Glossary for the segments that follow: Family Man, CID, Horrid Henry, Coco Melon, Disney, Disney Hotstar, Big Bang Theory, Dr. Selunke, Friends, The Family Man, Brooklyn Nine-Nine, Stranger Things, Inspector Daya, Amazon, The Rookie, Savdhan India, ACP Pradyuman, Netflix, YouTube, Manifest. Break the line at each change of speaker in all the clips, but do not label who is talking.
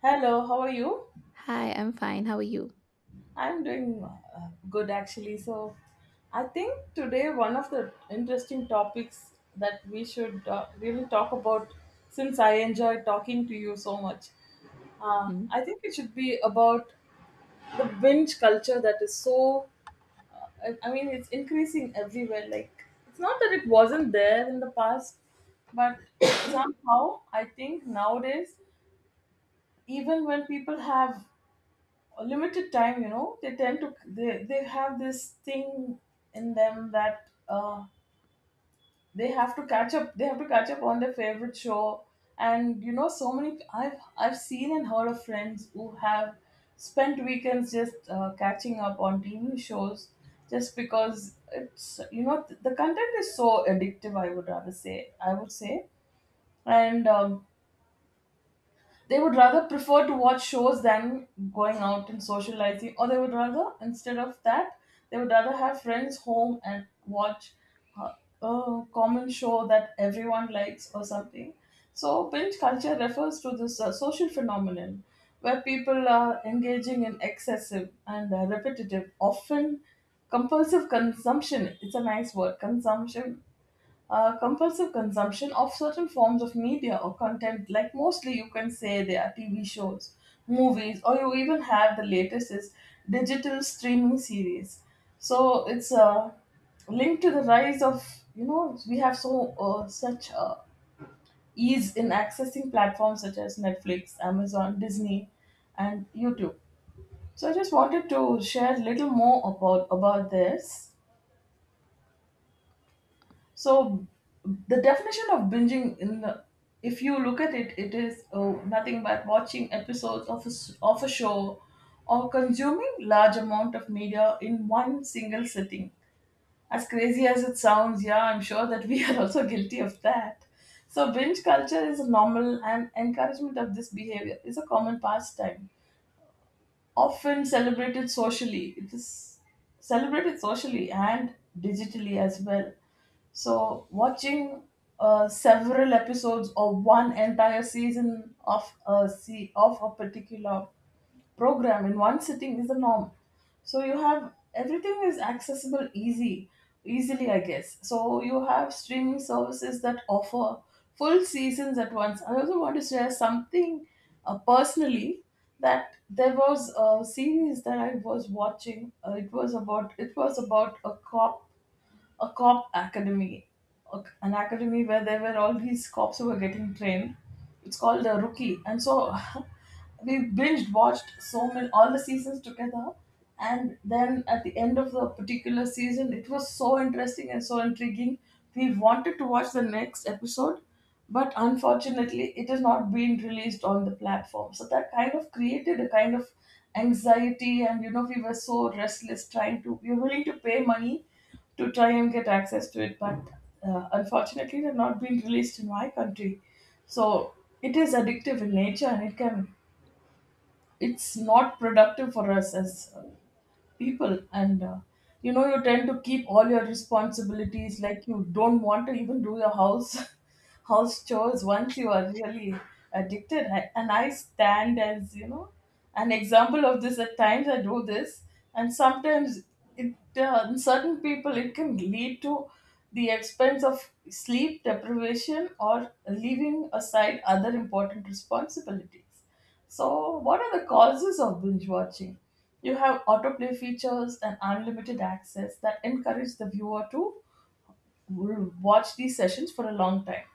Hello, how are you?
Hi, I'm fine. How are you?
I'm doing good actually. So, I think today one of the interesting topics that we should really talk about, since I enjoy talking to you so much,
Mhm.
I think it should be about the binge culture that is so. I mean, it's increasing everywhere. Like, it's not that it wasn't there in the past, but somehow I think nowadays, even when people have a limited time, you know, they tend to they have this thing in them that they have to catch up on their favorite show. And you know, so many I've seen and heard of friends who have spent weekends just catching up on TV shows, just because it's the content is so addictive. I would rather say, I would say. And they would rather prefer to watch shows than going out and socializing, or they would rather, instead of that, they would rather have friends home and watch uh, a common show that everyone likes or something. So, binge culture refers to this social phenomenon where people are engaging in excessive and repetitive, often compulsive consumption. It's a nice word, consumption. Compulsive consumption of certain forms of media or content, like mostly you can say they are TV shows, movies, or you even have the latest is digital streaming series. So it's linked to the rise of, you know, we have such ease in accessing platforms such as Netflix, Amazon, Disney, and YouTube. So I just wanted to share a little more about this. So the definition of binging in the, if you look at it, it is nothing but watching episodes of of a show or consuming large amount of media in one single sitting. As crazy as it sounds, yeah, I'm sure that we are also guilty of that. So binge culture is normal and encouragement of this behavior is a common pastime, often celebrated socially. It is celebrated socially and digitally as well. So, watching several episodes or one entire season of of a particular program in one sitting is the norm. So you have everything is accessible easily, I guess. So you have streaming services that offer full seasons at once. I also want to share something personally, that there was a series that I was watching. It was about a cop, a cop academy, an academy where there were all these cops who were getting trained. It's called the Rookie, and so we binge watched so many, all the seasons together. And then at the end of the particular season, it was so interesting and so intriguing. We wanted to watch the next episode, but unfortunately, it has not been released on the platform. So that kind of created a kind of anxiety, and you know, we were so restless trying to. We were willing to pay money to try and get access to it, but unfortunately, they've not been released in my country. So it is addictive in nature, and it's not productive for us as people. And you know, you tend to keep all your responsibilities, like you don't want to even do your house house chores once you are really addicted. And I stand, as you know, an example of this. At times I do this, and sometimes it, in certain people, it can lead to the expense of sleep deprivation or leaving aside other important responsibilities. So, what are the causes of binge watching? You have autoplay features and unlimited access that encourage the viewer to watch these sessions for a long time.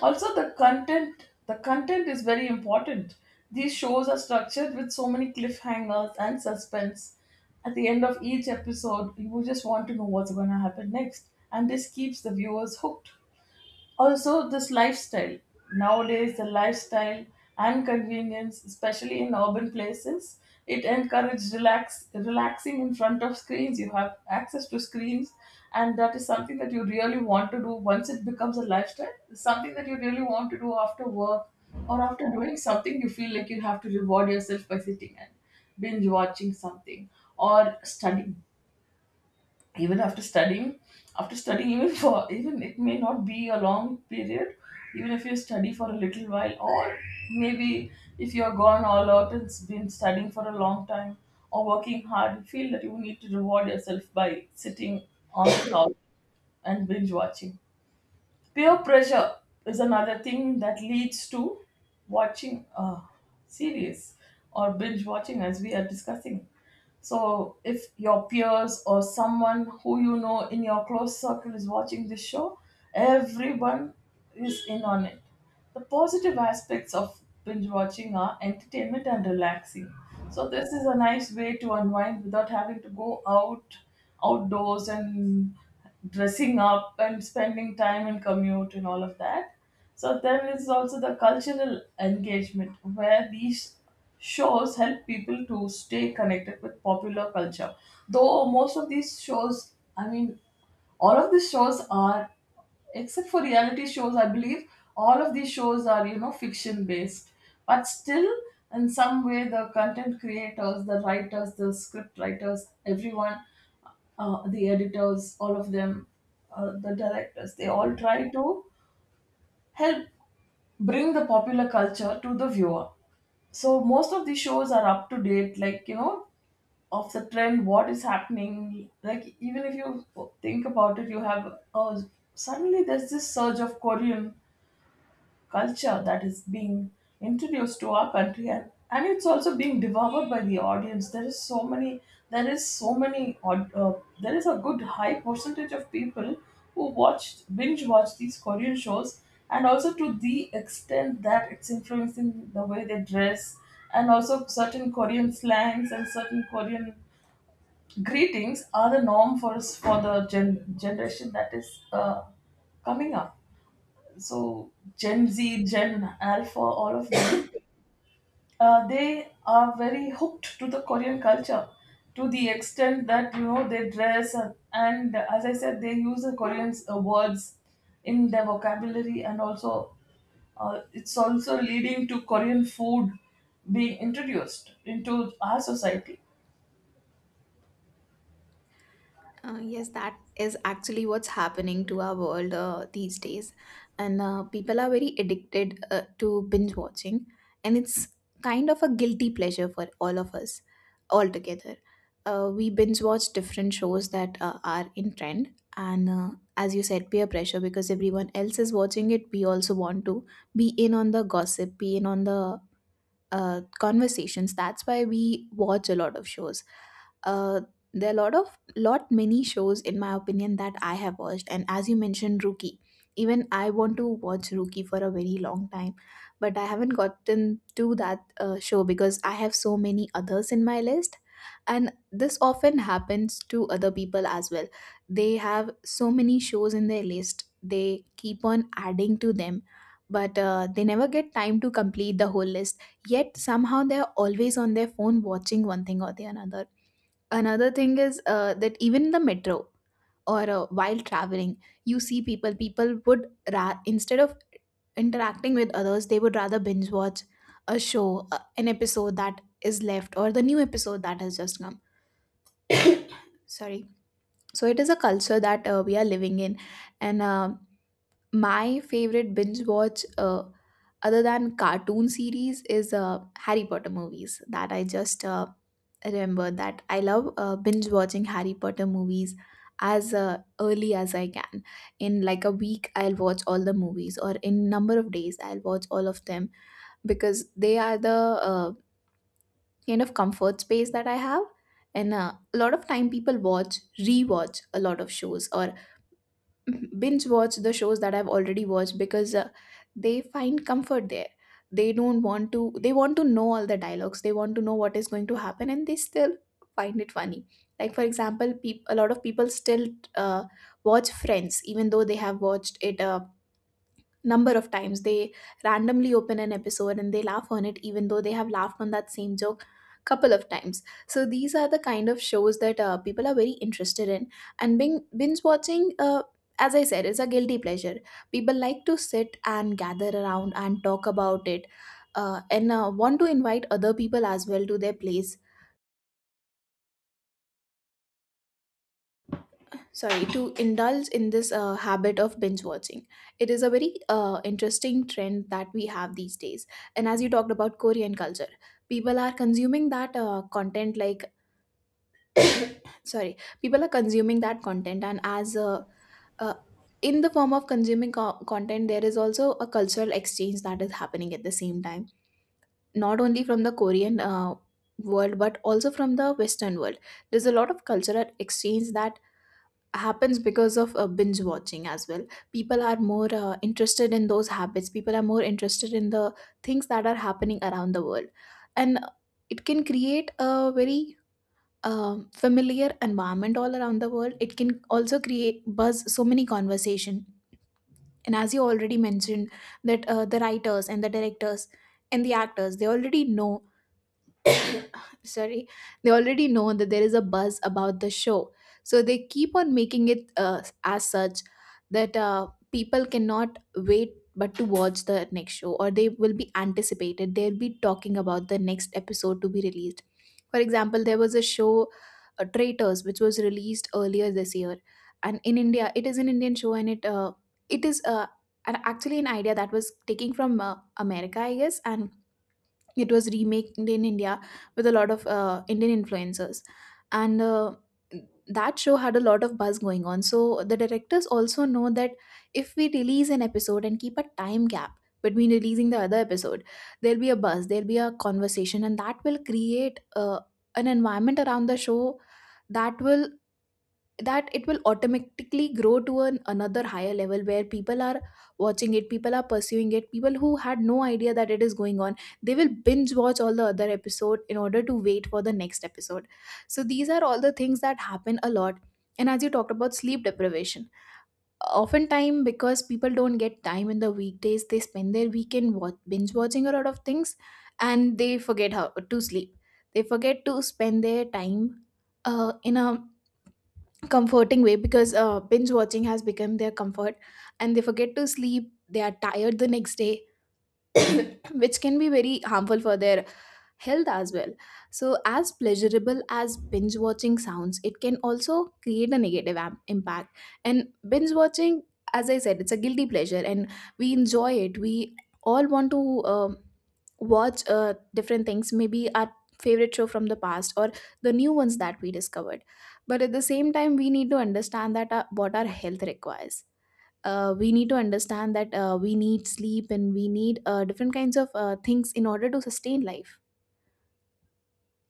Also, the content is very important. These shows are structured with so many cliffhangers and suspense. At the end of each episode, you just want to know what's going to happen next, and this keeps the viewers hooked. Also, this lifestyle. Nowadays, the lifestyle and convenience, especially in urban places, it encourages relaxing in front of screens. You have access to screens, and that is something that you really want to do once it becomes a lifestyle. It's something that you really want to do after work or after doing something. You feel like you have to reward yourself by sitting and binge watching something or studying. Even after studying, even for, even it may not be a long period, even if you study for a little while, or maybe if you are gone all out and been studying for a long time or working hard, you feel that you need to reward yourself by sitting on the couch and binge watching. Peer pressure is another thing that leads to watching series or binge watching, as we are discussing. So, if your peers or someone who you know in your close circle is watching this show, everyone is in on it. The positive aspects of binge watching are entertainment and relaxing. So this is a nice way to unwind without having to go out outdoors and dressing up and spending time in commute and all of that. So there is also the cultural engagement where these shows help people to stay connected with popular culture. Though most of these shows, I mean, all of the shows are, except for reality shows, I believe, all of these shows are, you know, fiction based, but still in some way, the content creators, the writers, the script writers, everyone, the editors, all of them, the directors, they all try to help bring the popular culture to the viewer. So most of these shows are up to date, like, you know, of the trend, what is happening. Like, even if you think about it, you have, suddenly there's this surge of Korean culture that is being introduced to our country. And and it's also being devoured by the audience. There is so many there is a good high percentage of people who watch, binge watch these Korean shows, and also to the extent that it's influencing the way they dress, and also certain Korean slangs and certain Korean greetings are the norm for us, for the generation that is coming up. So Gen Z, Gen Alpha, all of them, they are very hooked to the Korean culture, to the extent that, you know, they dress and, as I said, they use the Korean words in their vocabulary. And also, it's also leading to Korean food being introduced into our society.
Yes, that is actually what's happening to our world these days. And people are very addicted to binge watching. And it's kind of a guilty pleasure for all of us altogether. We binge watch different shows that are in trend. And as you said, peer pressure because everyone else is watching it. We also want to be in on the gossip, be in on the conversations. That's why we watch a lot of shows. Uh, there are a lot of lot many shows in my opinion that I have watched, and as you mentioned, Rookie. Even I want to watch Rookie for a very long time, but I haven't gotten to that show because I have so many others in my list, and this often happens to other people as well. They have so many shows in their list, they keep on adding to them, but they never get time to complete the whole list. Yet somehow they're always on their phone watching one thing or the another. Another thing is that even in the metro or while traveling, you see people would instead of interacting with others, they would rather binge watch a show, an episode that is left or the new episode that has just come. Sorry, so it is a culture that we are living in. And my favorite binge watch, other than cartoon series, is Harry Potter movies, that I just remember that I love binge watching Harry Potter movies as early as I can. In like a week I'll watch all the movies, or in number of days I'll watch all of them, because they are the kind of comfort space that I have. And a lot of time people rewatch a lot of shows, or binge watch the shows that I've already watched, because they find comfort there. They don't want to, they want to know all the dialogues, they want to know what is going to happen, and they still find it funny. Like, for example, a lot of people still uh, watch Friends, even though they have watched it. Number of times they randomly open an episode and they laugh on it even though they have laughed on that same joke couple of times. So these are the kind of shows that people are very interested in. And binge watching, as I said, is a guilty pleasure. People like to sit and gather around and talk about it, and want to invite other people as well to their place. Sorry, to indulge in this habit of binge watching. It is a very interesting trend that we have these days. And as you talked about Korean culture, people are consuming that content like, sorry, people are consuming that content. And as uh, in the form of consuming content, there is also a cultural exchange that is happening at the same time, not only from the Korean world but also from the Western world. There's a lot of cultural exchange that happens because of binge watching as well. People are more interested in those habits, people are more interested in the things that are happening around the world. And it can create a very familiar environment all around the world. It can also create buzz, so many conversation. And as you already mentioned, that the writers and the directors and the actors, they already know, sorry, they already know that there is a buzz about the show. So they keep on making it as such, that people cannot wait but to watch the next show, or they will be anticipated, they'll be talking about the next episode to be released. For example, there was a show, Traitors, which was released earlier this year. And in India, it is an Indian show, and it it is uh, actually an idea that was taken from America, I guess, and it was remade in India with a lot of Indian influencers. And that show had a lot of buzz going on. So the directors also know that if we release an episode and keep a time gap between releasing the other episode, there'll be a buzz, there'll be a conversation, and that will create an environment around the show that will, that it will automatically grow to another higher level where people are watching it, people are pursuing it, people who had no idea that it is going on, they will binge watch all the other episode in order to wait for the next episode. So these are all the things that happen a lot. And as you talked about sleep deprivation, oftentimes because people don't get time in the weekdays, they spend their weekend binge watching a lot of things, and they forget how to sleep. They forget to spend their time in a comforting way, because binge watching has become their comfort, and they forget to sleep, they are tired the next day, which can be very harmful for their health as well. So, as pleasurable as binge watching sounds, it can also create a negative impact. And binge watching, as I said, it's a guilty pleasure, and we enjoy it. We all want to watch different things, maybe our favorite show from the past or the new ones that we discovered. But at the same time, we need to understand that what our health requires. We need to understand that we need sleep and we need different kinds of things in order to sustain life.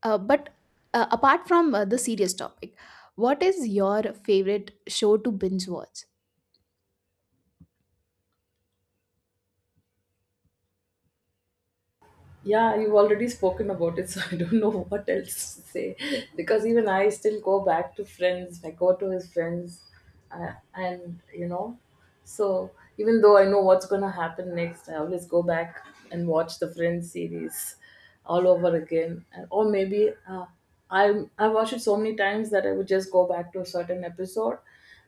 But apart from the serious topic, what is your favorite show to binge watch?
Yeah, you've already spoken about it, so I don't know what else to say. Because even I still go back to friends, I go to his friends, and you know, so even though I know what's going to happen next, I always go back and watch the Friends series all over again. And, or maybe I watched it so many times that I would just go back to a certain episode.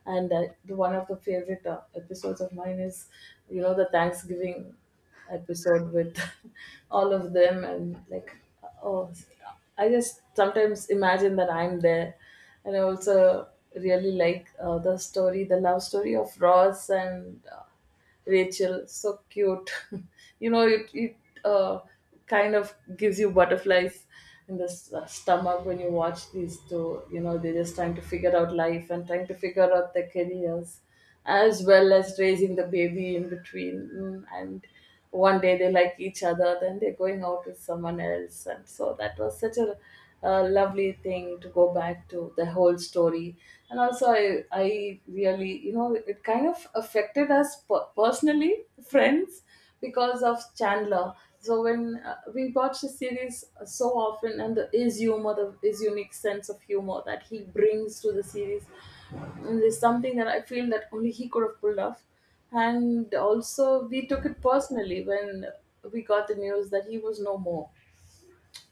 And one of the favorite episodes of mine is, you know, the Thanksgiving episode with all of them. And like, oh, I just sometimes imagine that I'm there. And I also really like the story, the love story of Ross and Rachel. So cute. You know, it uh, kind of gives you butterflies in the stomach when you watch these two. You know, they're just trying to figure out life and trying to figure out their careers, as well as raising the baby in between. Mm, and one day they like each other, then they're going out with someone else. And so that was such a, uh, lovely thing, to go back to the whole story. And also I really, you know, it kind of affected us personally, Friends, because of Chandler. So when we watch the series so often, and his humor, his unique sense of humor that he brings to the series, and it's something that I feel that only he could have pulled off. And also, we took it personally when we got the news that he was no more.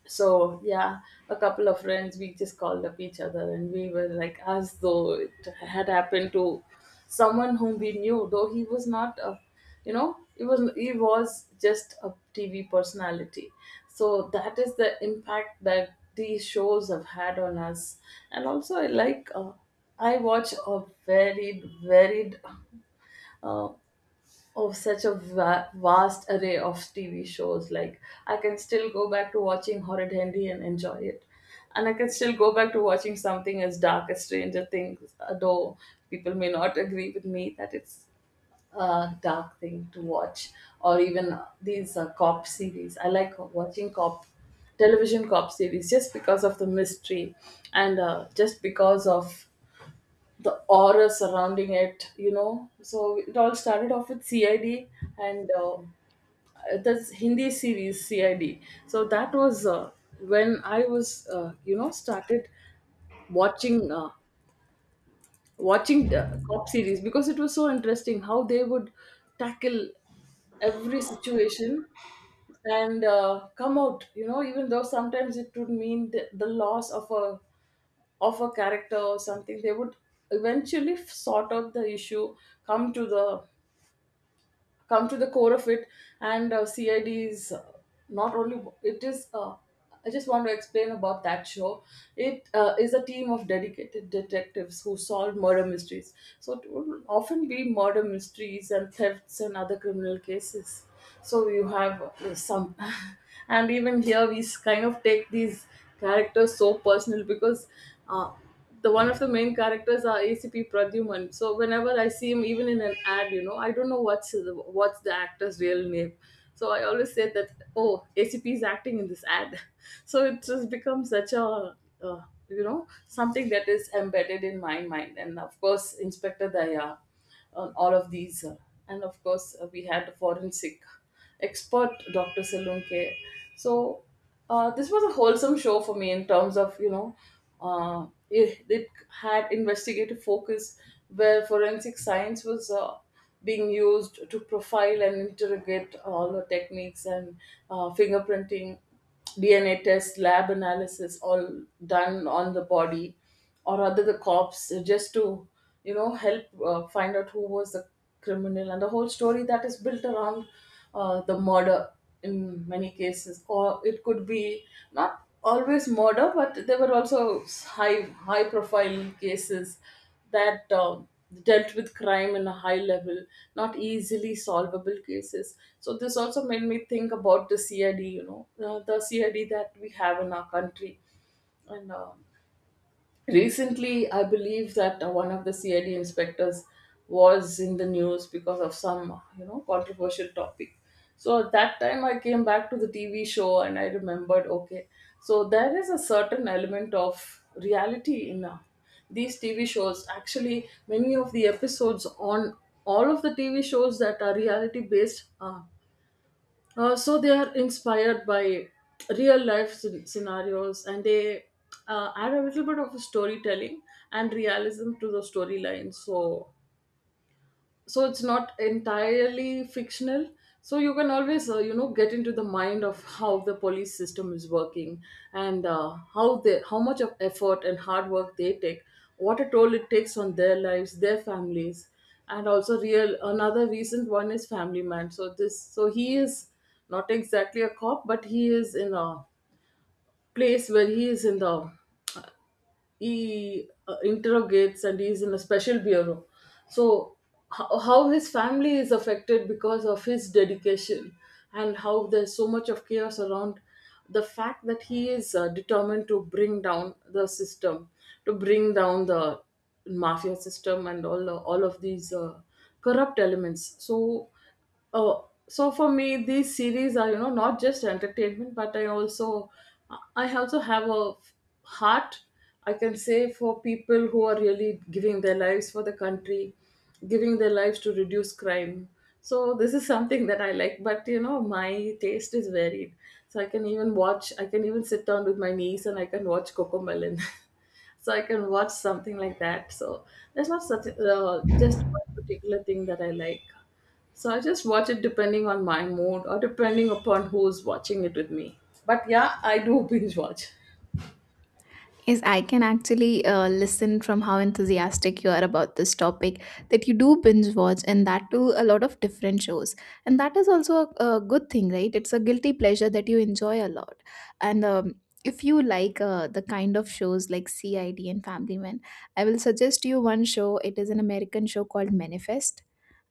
So yeah, a couple of friends, we just called up each other, and we were like, as though it had happened to someone whom we knew, though he was not a, you know, he was, he was just a TV personality. So that is the impact that these shows have had on us. And also I like, I watch a varied uh, Oh, such a vast array of TV shows. Like, I can still go back to watching Horrid Henry and enjoy it. And I can still go back to watching something as dark as Stranger Things, although people may not agree with me that it's a dark thing to watch. Or even these cop series. I like watching cop series just because of the mystery and just because of the aura surrounding it, you know. So it all started off with CID and this Hindi series CID. So that was when I was, started watching uh, watching the cop series because it was so interesting how they would tackle every situation and come out, you know, even though sometimes it would mean the loss of a character or something. They would eventually sort out the issue, come to the come to the core of it. And uh, cid is not only it is I just want to explain about that show. It is a team of dedicated detectives who solve murder mysteries, so it will often be murder mysteries and thefts and other criminal cases. So you have some and even here we kind of take these characters so personal because uh, the one of the main characters are ACP Pradyuman. So whenever I see him, even in an ad, you know, I don't know what's the actor's real name. So I always say that, oh, ACP is acting in this ad. So it just becomes such a uh, you know, something that is embedded in my mind. And of course, Inspector Daya on all of these. And of course, we had a forensic expert, Dr. Selunke. So this was a wholesome show for me in terms of, you know, it had investigative focus where forensic science was being used to profile and interrogate all the techniques and fingerprinting, DNA test, lab analysis, all done on the body, or rather the cops, just to, you know, help find out who was the criminal, and the whole story that is built around the murder in many cases. Or it could be not always murder, but there were also high high profile cases that dealt with crime in a high level, not easily solvable cases. So this also made me think about the CID, you know, the CID that we have in our country. And recently I believe that one of the CID inspectors was in the news because of some, you know, controversial topic. So at that time I came back to the TV show and I remembered, okay, so there is a certain element of reality in these TV shows. Actually, many of the episodes on all of the TV shows that are reality based, so they are inspired by real life scenarios and they add a little bit of storytelling and realism to the storyline. So so it's not entirely fictional, so you can always get into the mind of how the police system is working, and how they how much of effort and hard work they take, what a toll it takes on their lives, their families. And also real another recent one is Family Man. So this so he is not exactly a cop, but he is in a place where he is in the he interrogates and he's in a special bureau. So, how his family is affected because of his dedication, and how there's so much of chaos around the fact that he is determined to bring down the system, to bring down the mafia system and all of these corrupt elements. So oh, so for me, these series are, you know, not just entertainment, but I also have a heart, I can say, for people who are really giving their lives for the country, giving their lives to reduce crime. So this is something that I like. But you know, my taste is varied. So I can even watch. I can even sit down with my niece and I can watch Coco Melon. So I can watch something like that. So there's not such just one particular thing that I like. So I just watch it depending on my mood or depending upon who's watching it with me. But yeah, I do binge watch.
Yes, I can actually listen from how enthusiastic you are about this topic, that you do binge watch, and that too a lot of different shows. And that is also a good thing, right? It's a guilty pleasure that you enjoy a lot. And if you like the kind of shows like CID and Family Man, I will suggest you one show. It is an American show called Manifest.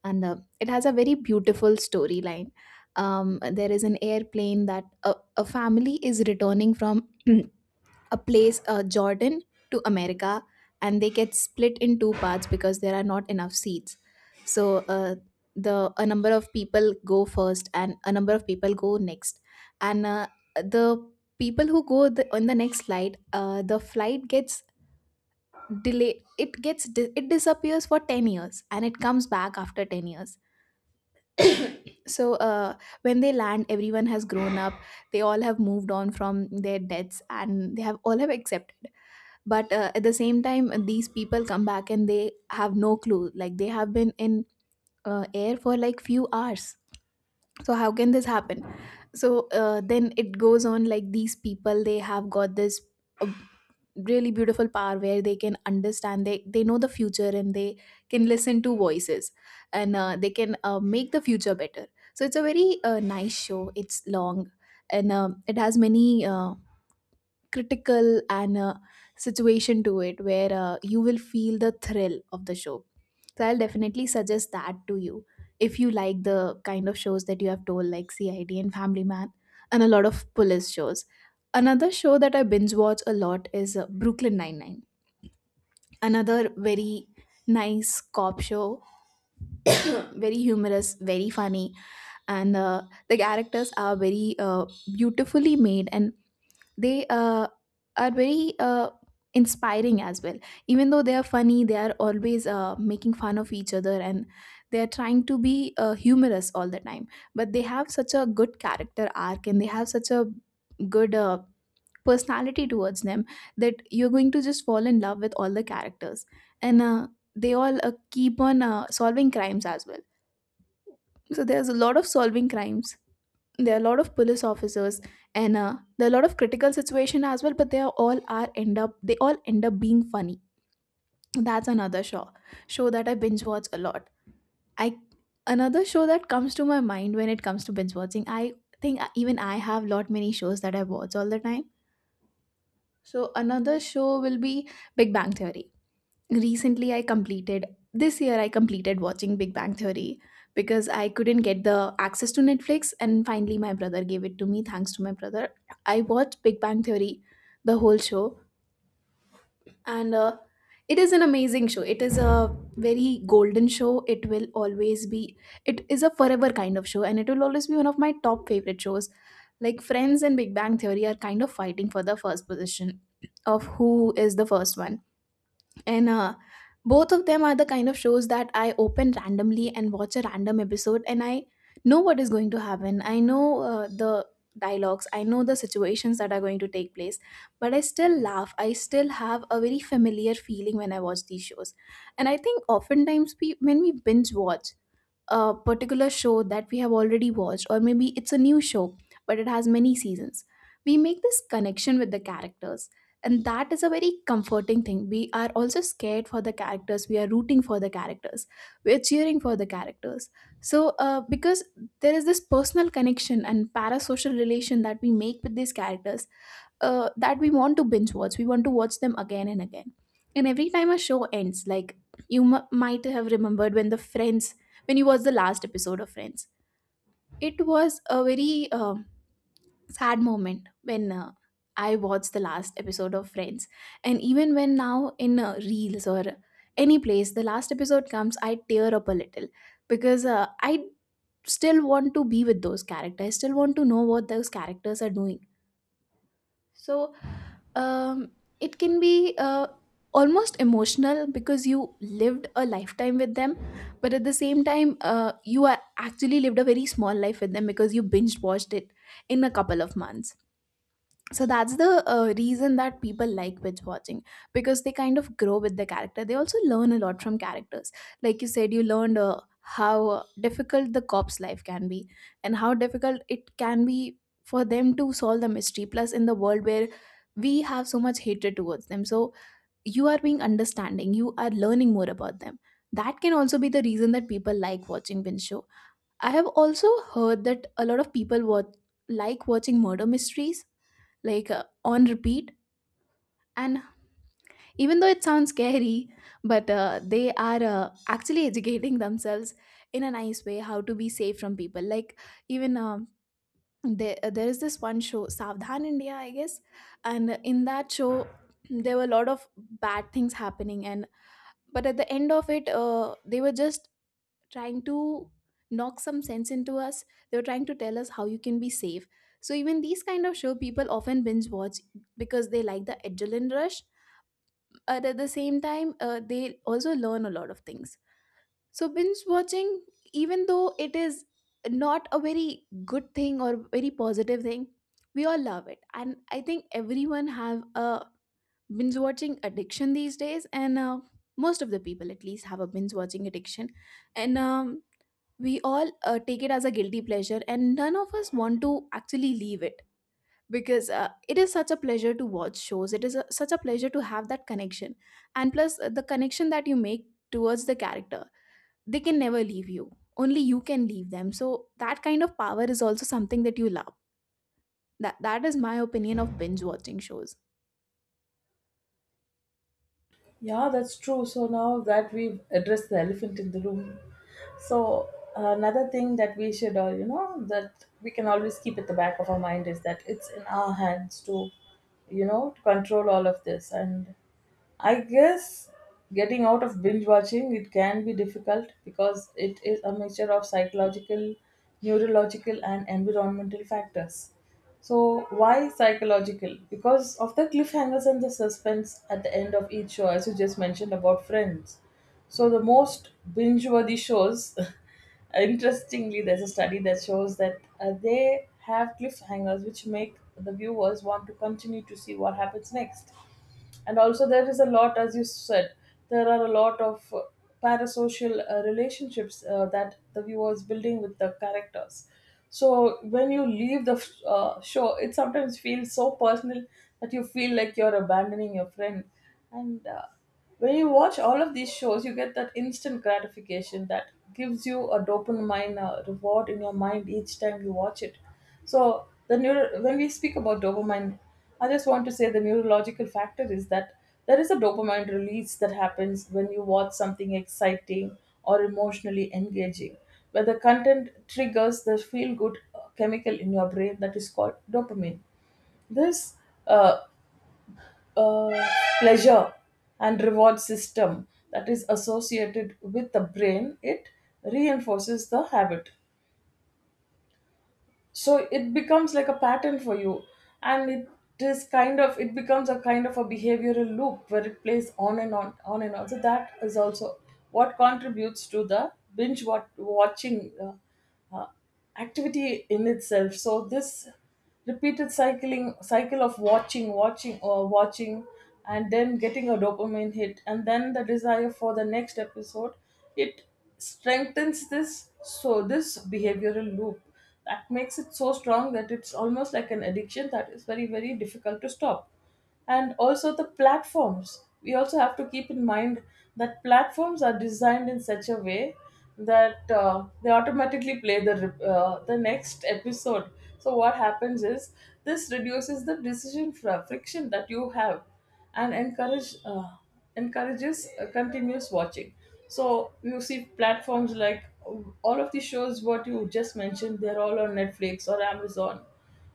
And it has a very beautiful storyline. There is an airplane that a family is returning from a place, Jordan, to America, and they get split in two parts because there are not enough seats. So the a number of people go first, and a number of people go next, and the people who go on the next flight, the flight gets delayed. It gets it disappears for 10 years, and it comes back after 10 years. So when they land, everyone has grown up, they all have moved on from their deaths, and they have all have accepted. But at the same time, these people come back and they have no clue, like they have been in air for like few hours. So how can this happen? So then it goes on, like these people, they have got this uh, really beautiful power where they can understand, they know the future, and they can listen to voices, and they can make the future better. So it's a very nice show, it's long, and it has many critical and situation to it where you will feel the thrill of the show. So I'll definitely suggest that to you if you like the kind of shows that you have told, like CID and Family Man, and a lot of police shows. Another show that I binge watch a lot is Brooklyn Nine-Nine. Another very nice cop show, very humorous, very funny, and the characters are very beautifully made and they are very inspiring as well. Even though they are funny, they are always making fun of each other, and they are trying to be humorous all the time, but they have such a good character arc and they have such a good personality towards them that you're going to just fall in love with all the characters. And uh, they all uh, keep on solving crimes as well. So there's a lot of solving crimes, there are a lot of police officers, and there are a lot of critical situation as well, but they are all are end up they all end up being funny. That's another show that I binge watch a lot. I Another show that comes to my mind when it comes to binge watching, I think even I have lot many shows that I watch all the time. So another show will be Big Bang Theory. Recently I completed This year I completed watching Big Bang Theory, because I couldn't get the access to Netflix and finally my brother gave it to me. Thanks to my brother, I watched Big Bang Theory, the whole show. And It is an amazing show, it is a very golden show, it will always be. It is a forever kind of show and it will always be one of my top favorite shows. Like Friends and Big Bang Theory are kind of fighting for the first position, of who is the first one. And Both of them are the kind of shows that I open randomly and watch a random episode, and I know what is going to happen. I know the dialogues, I know the situations that are going to take place, but I still laugh, I still have a very familiar feeling when I watch these shows. And I think oftentimes we, when we binge watch a particular show that we have already watched, or maybe it's a new show, but it has many seasons. We make this connection with the characters, and that is a very comforting thing. We are also scared for the characters, we are rooting for the characters, we are cheering for the characters. So because there is this personal connection and parasocial relation that we make with these characters, that we want to binge watch. We want to watch them again and again. And every time a show ends, like might have remembered when the Friends, when you watched the last episode of Friends, it was a very sad moment when I watched the last episode of Friends. And even when now in Reels or any place, the last episode comes, I tear up a little because I still want to be with those characters. I still want to know what those characters are doing. So um, it can be almost emotional because you lived a lifetime with them, but at the same time, you are actually lived a very small life with them because you binge watched it in a couple of months. So that's the reason that people like binge watching, because they kind of grow with the character. They also learn a lot from characters, like you said you learned how difficult the cop's life can be, and how difficult it can be for them to solve the mystery, plus in the world where we have so much hatred towards them. So you are being understanding, you are learning more about them. That can also be the reason that people like watching binge show. I have also heard that a lot of people watch, like watching murder mysteries, like on repeat. And even though it sounds scary, but they are actually educating themselves in a nice way how to be safe from people. Like even there is this one show Savdhan India, I guess, and in that show there were a lot of bad things happening, and but at the end of it they were just trying to knock some sense into us. They were trying to tell us how you can be safe. So even these kind of show people often binge watch, because they like the adrenaline rush, and at the same time they also learn a lot of things. So binge watching, even though it is not a very good thing or very positive thing, we all love it. And I think everyone have a binge watching addiction these days, and most of the people at least have a binge watching addiction. And we all take it as a guilty pleasure and none of us want to actually leave it, because it is such a pleasure to watch shows. Such a pleasure to have that connection, and plus the connection that you make towards the character, they can never leave you. Only you can leave them, so that kind of power is also something that you love. That is my opinion of binge watching shows.
Yeah, that's true. So now that we've addressed the elephant in the room, so another thing that we should, that we can always keep at the back of our mind is that it's in our hands to, you know, to control all of this. And I guess getting out of binge watching, it can be difficult because it is a mixture of psychological, neurological, and environmental factors. So why psychological? Because of the cliffhangers and the suspense at the end of each show, as you just mentioned about Friends. So the most binge-worthy shows interestingly, there's a study that shows that they have cliffhangers which make the viewers want to continue to see what happens next. And also, there is a lot, as you said, there are a lot of parasocial relationships that the viewer is building with the characters. So when you leave the show, it sometimes feels so personal that you feel like you're abandoning your friend. And when you watch all of these shows, you get that instant gratification that gives you a dopamine reward in your mind each time you watch it. So the when we speak about dopamine, I just want to say the neurological factor is that there is a dopamine release that happens when you watch something exciting or emotionally engaging, where the content triggers the feel-good chemical in your brain that is called dopamine. This uh, uh, pleasure and reward system that is associated with the brain, it reinforces the habit. So it becomes like a pattern for you, and it is kind of it becomes a kind of a behavioral loop where it plays on and on on and on. So that is also what contributes to the binge watching activity in itself. So this repeated cycling cycle of watching watching or watching and then getting a dopamine hit and then the desire for the next episode, it strengthens this. So this behavioral loop that makes it so strong that it's almost like an addiction that is very very difficult to stop. And also the platforms, we also have to keep in mind that platforms are designed in such a way that they automatically play the the next episode. So what happens is this reduces the decision friction that you have and encourages continuous watching. So you see platforms like all of the shows what you just mentioned, they're all on Netflix or Amazon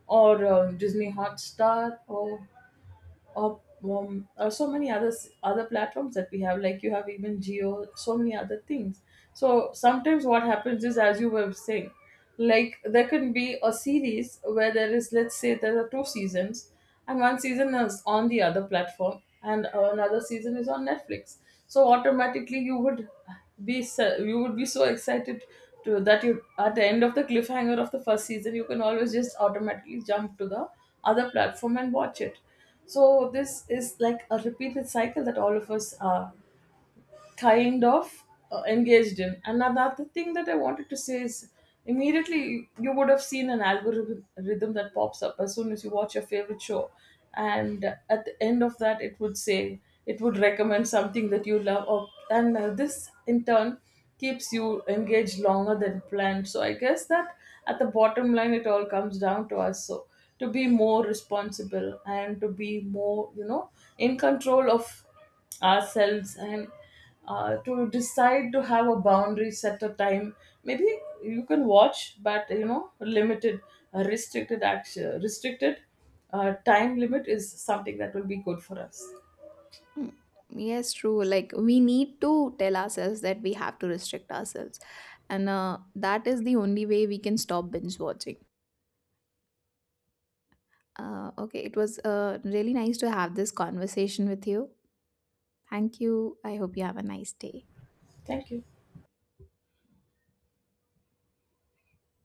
or Disney Hotstar or or so many other platforms that we have, like you have even Geo, so many other things. So sometimes what happens is, as you were saying, like there can be a series where there is, let's say, there are two seasons and one season is on the other platform and another season is on Netflix. So automatically you would be you would be so excited to that you at the end of the cliffhanger of the first season, you can always just automatically jump to the other platform and watch it. So this is like a repeated cycle that all of us kind of engaged in. And another thing that I wanted to say is immediately you would have seen an algorithm rhythm that pops up as soon as you watch your favorite show. And at the end of that, it would say, it would recommend something that you love. Or, and this in turn keeps you engaged longer than planned. So I guess that at the bottom line, it all comes down to us. So to be more responsible and to be more, you know, in control of ourselves, and to decide to have a boundary, set a time, maybe you can watch, but you know, limited, restricted time limit is something that will be good for us.
Mm, yes, true. Like we need to tell ourselves that we have to restrict ourselves, and that is the only way we can stop binge watching. Okay, it was really nice to have this conversation with you. Thank you. I hope you have a nice day.
Thank you.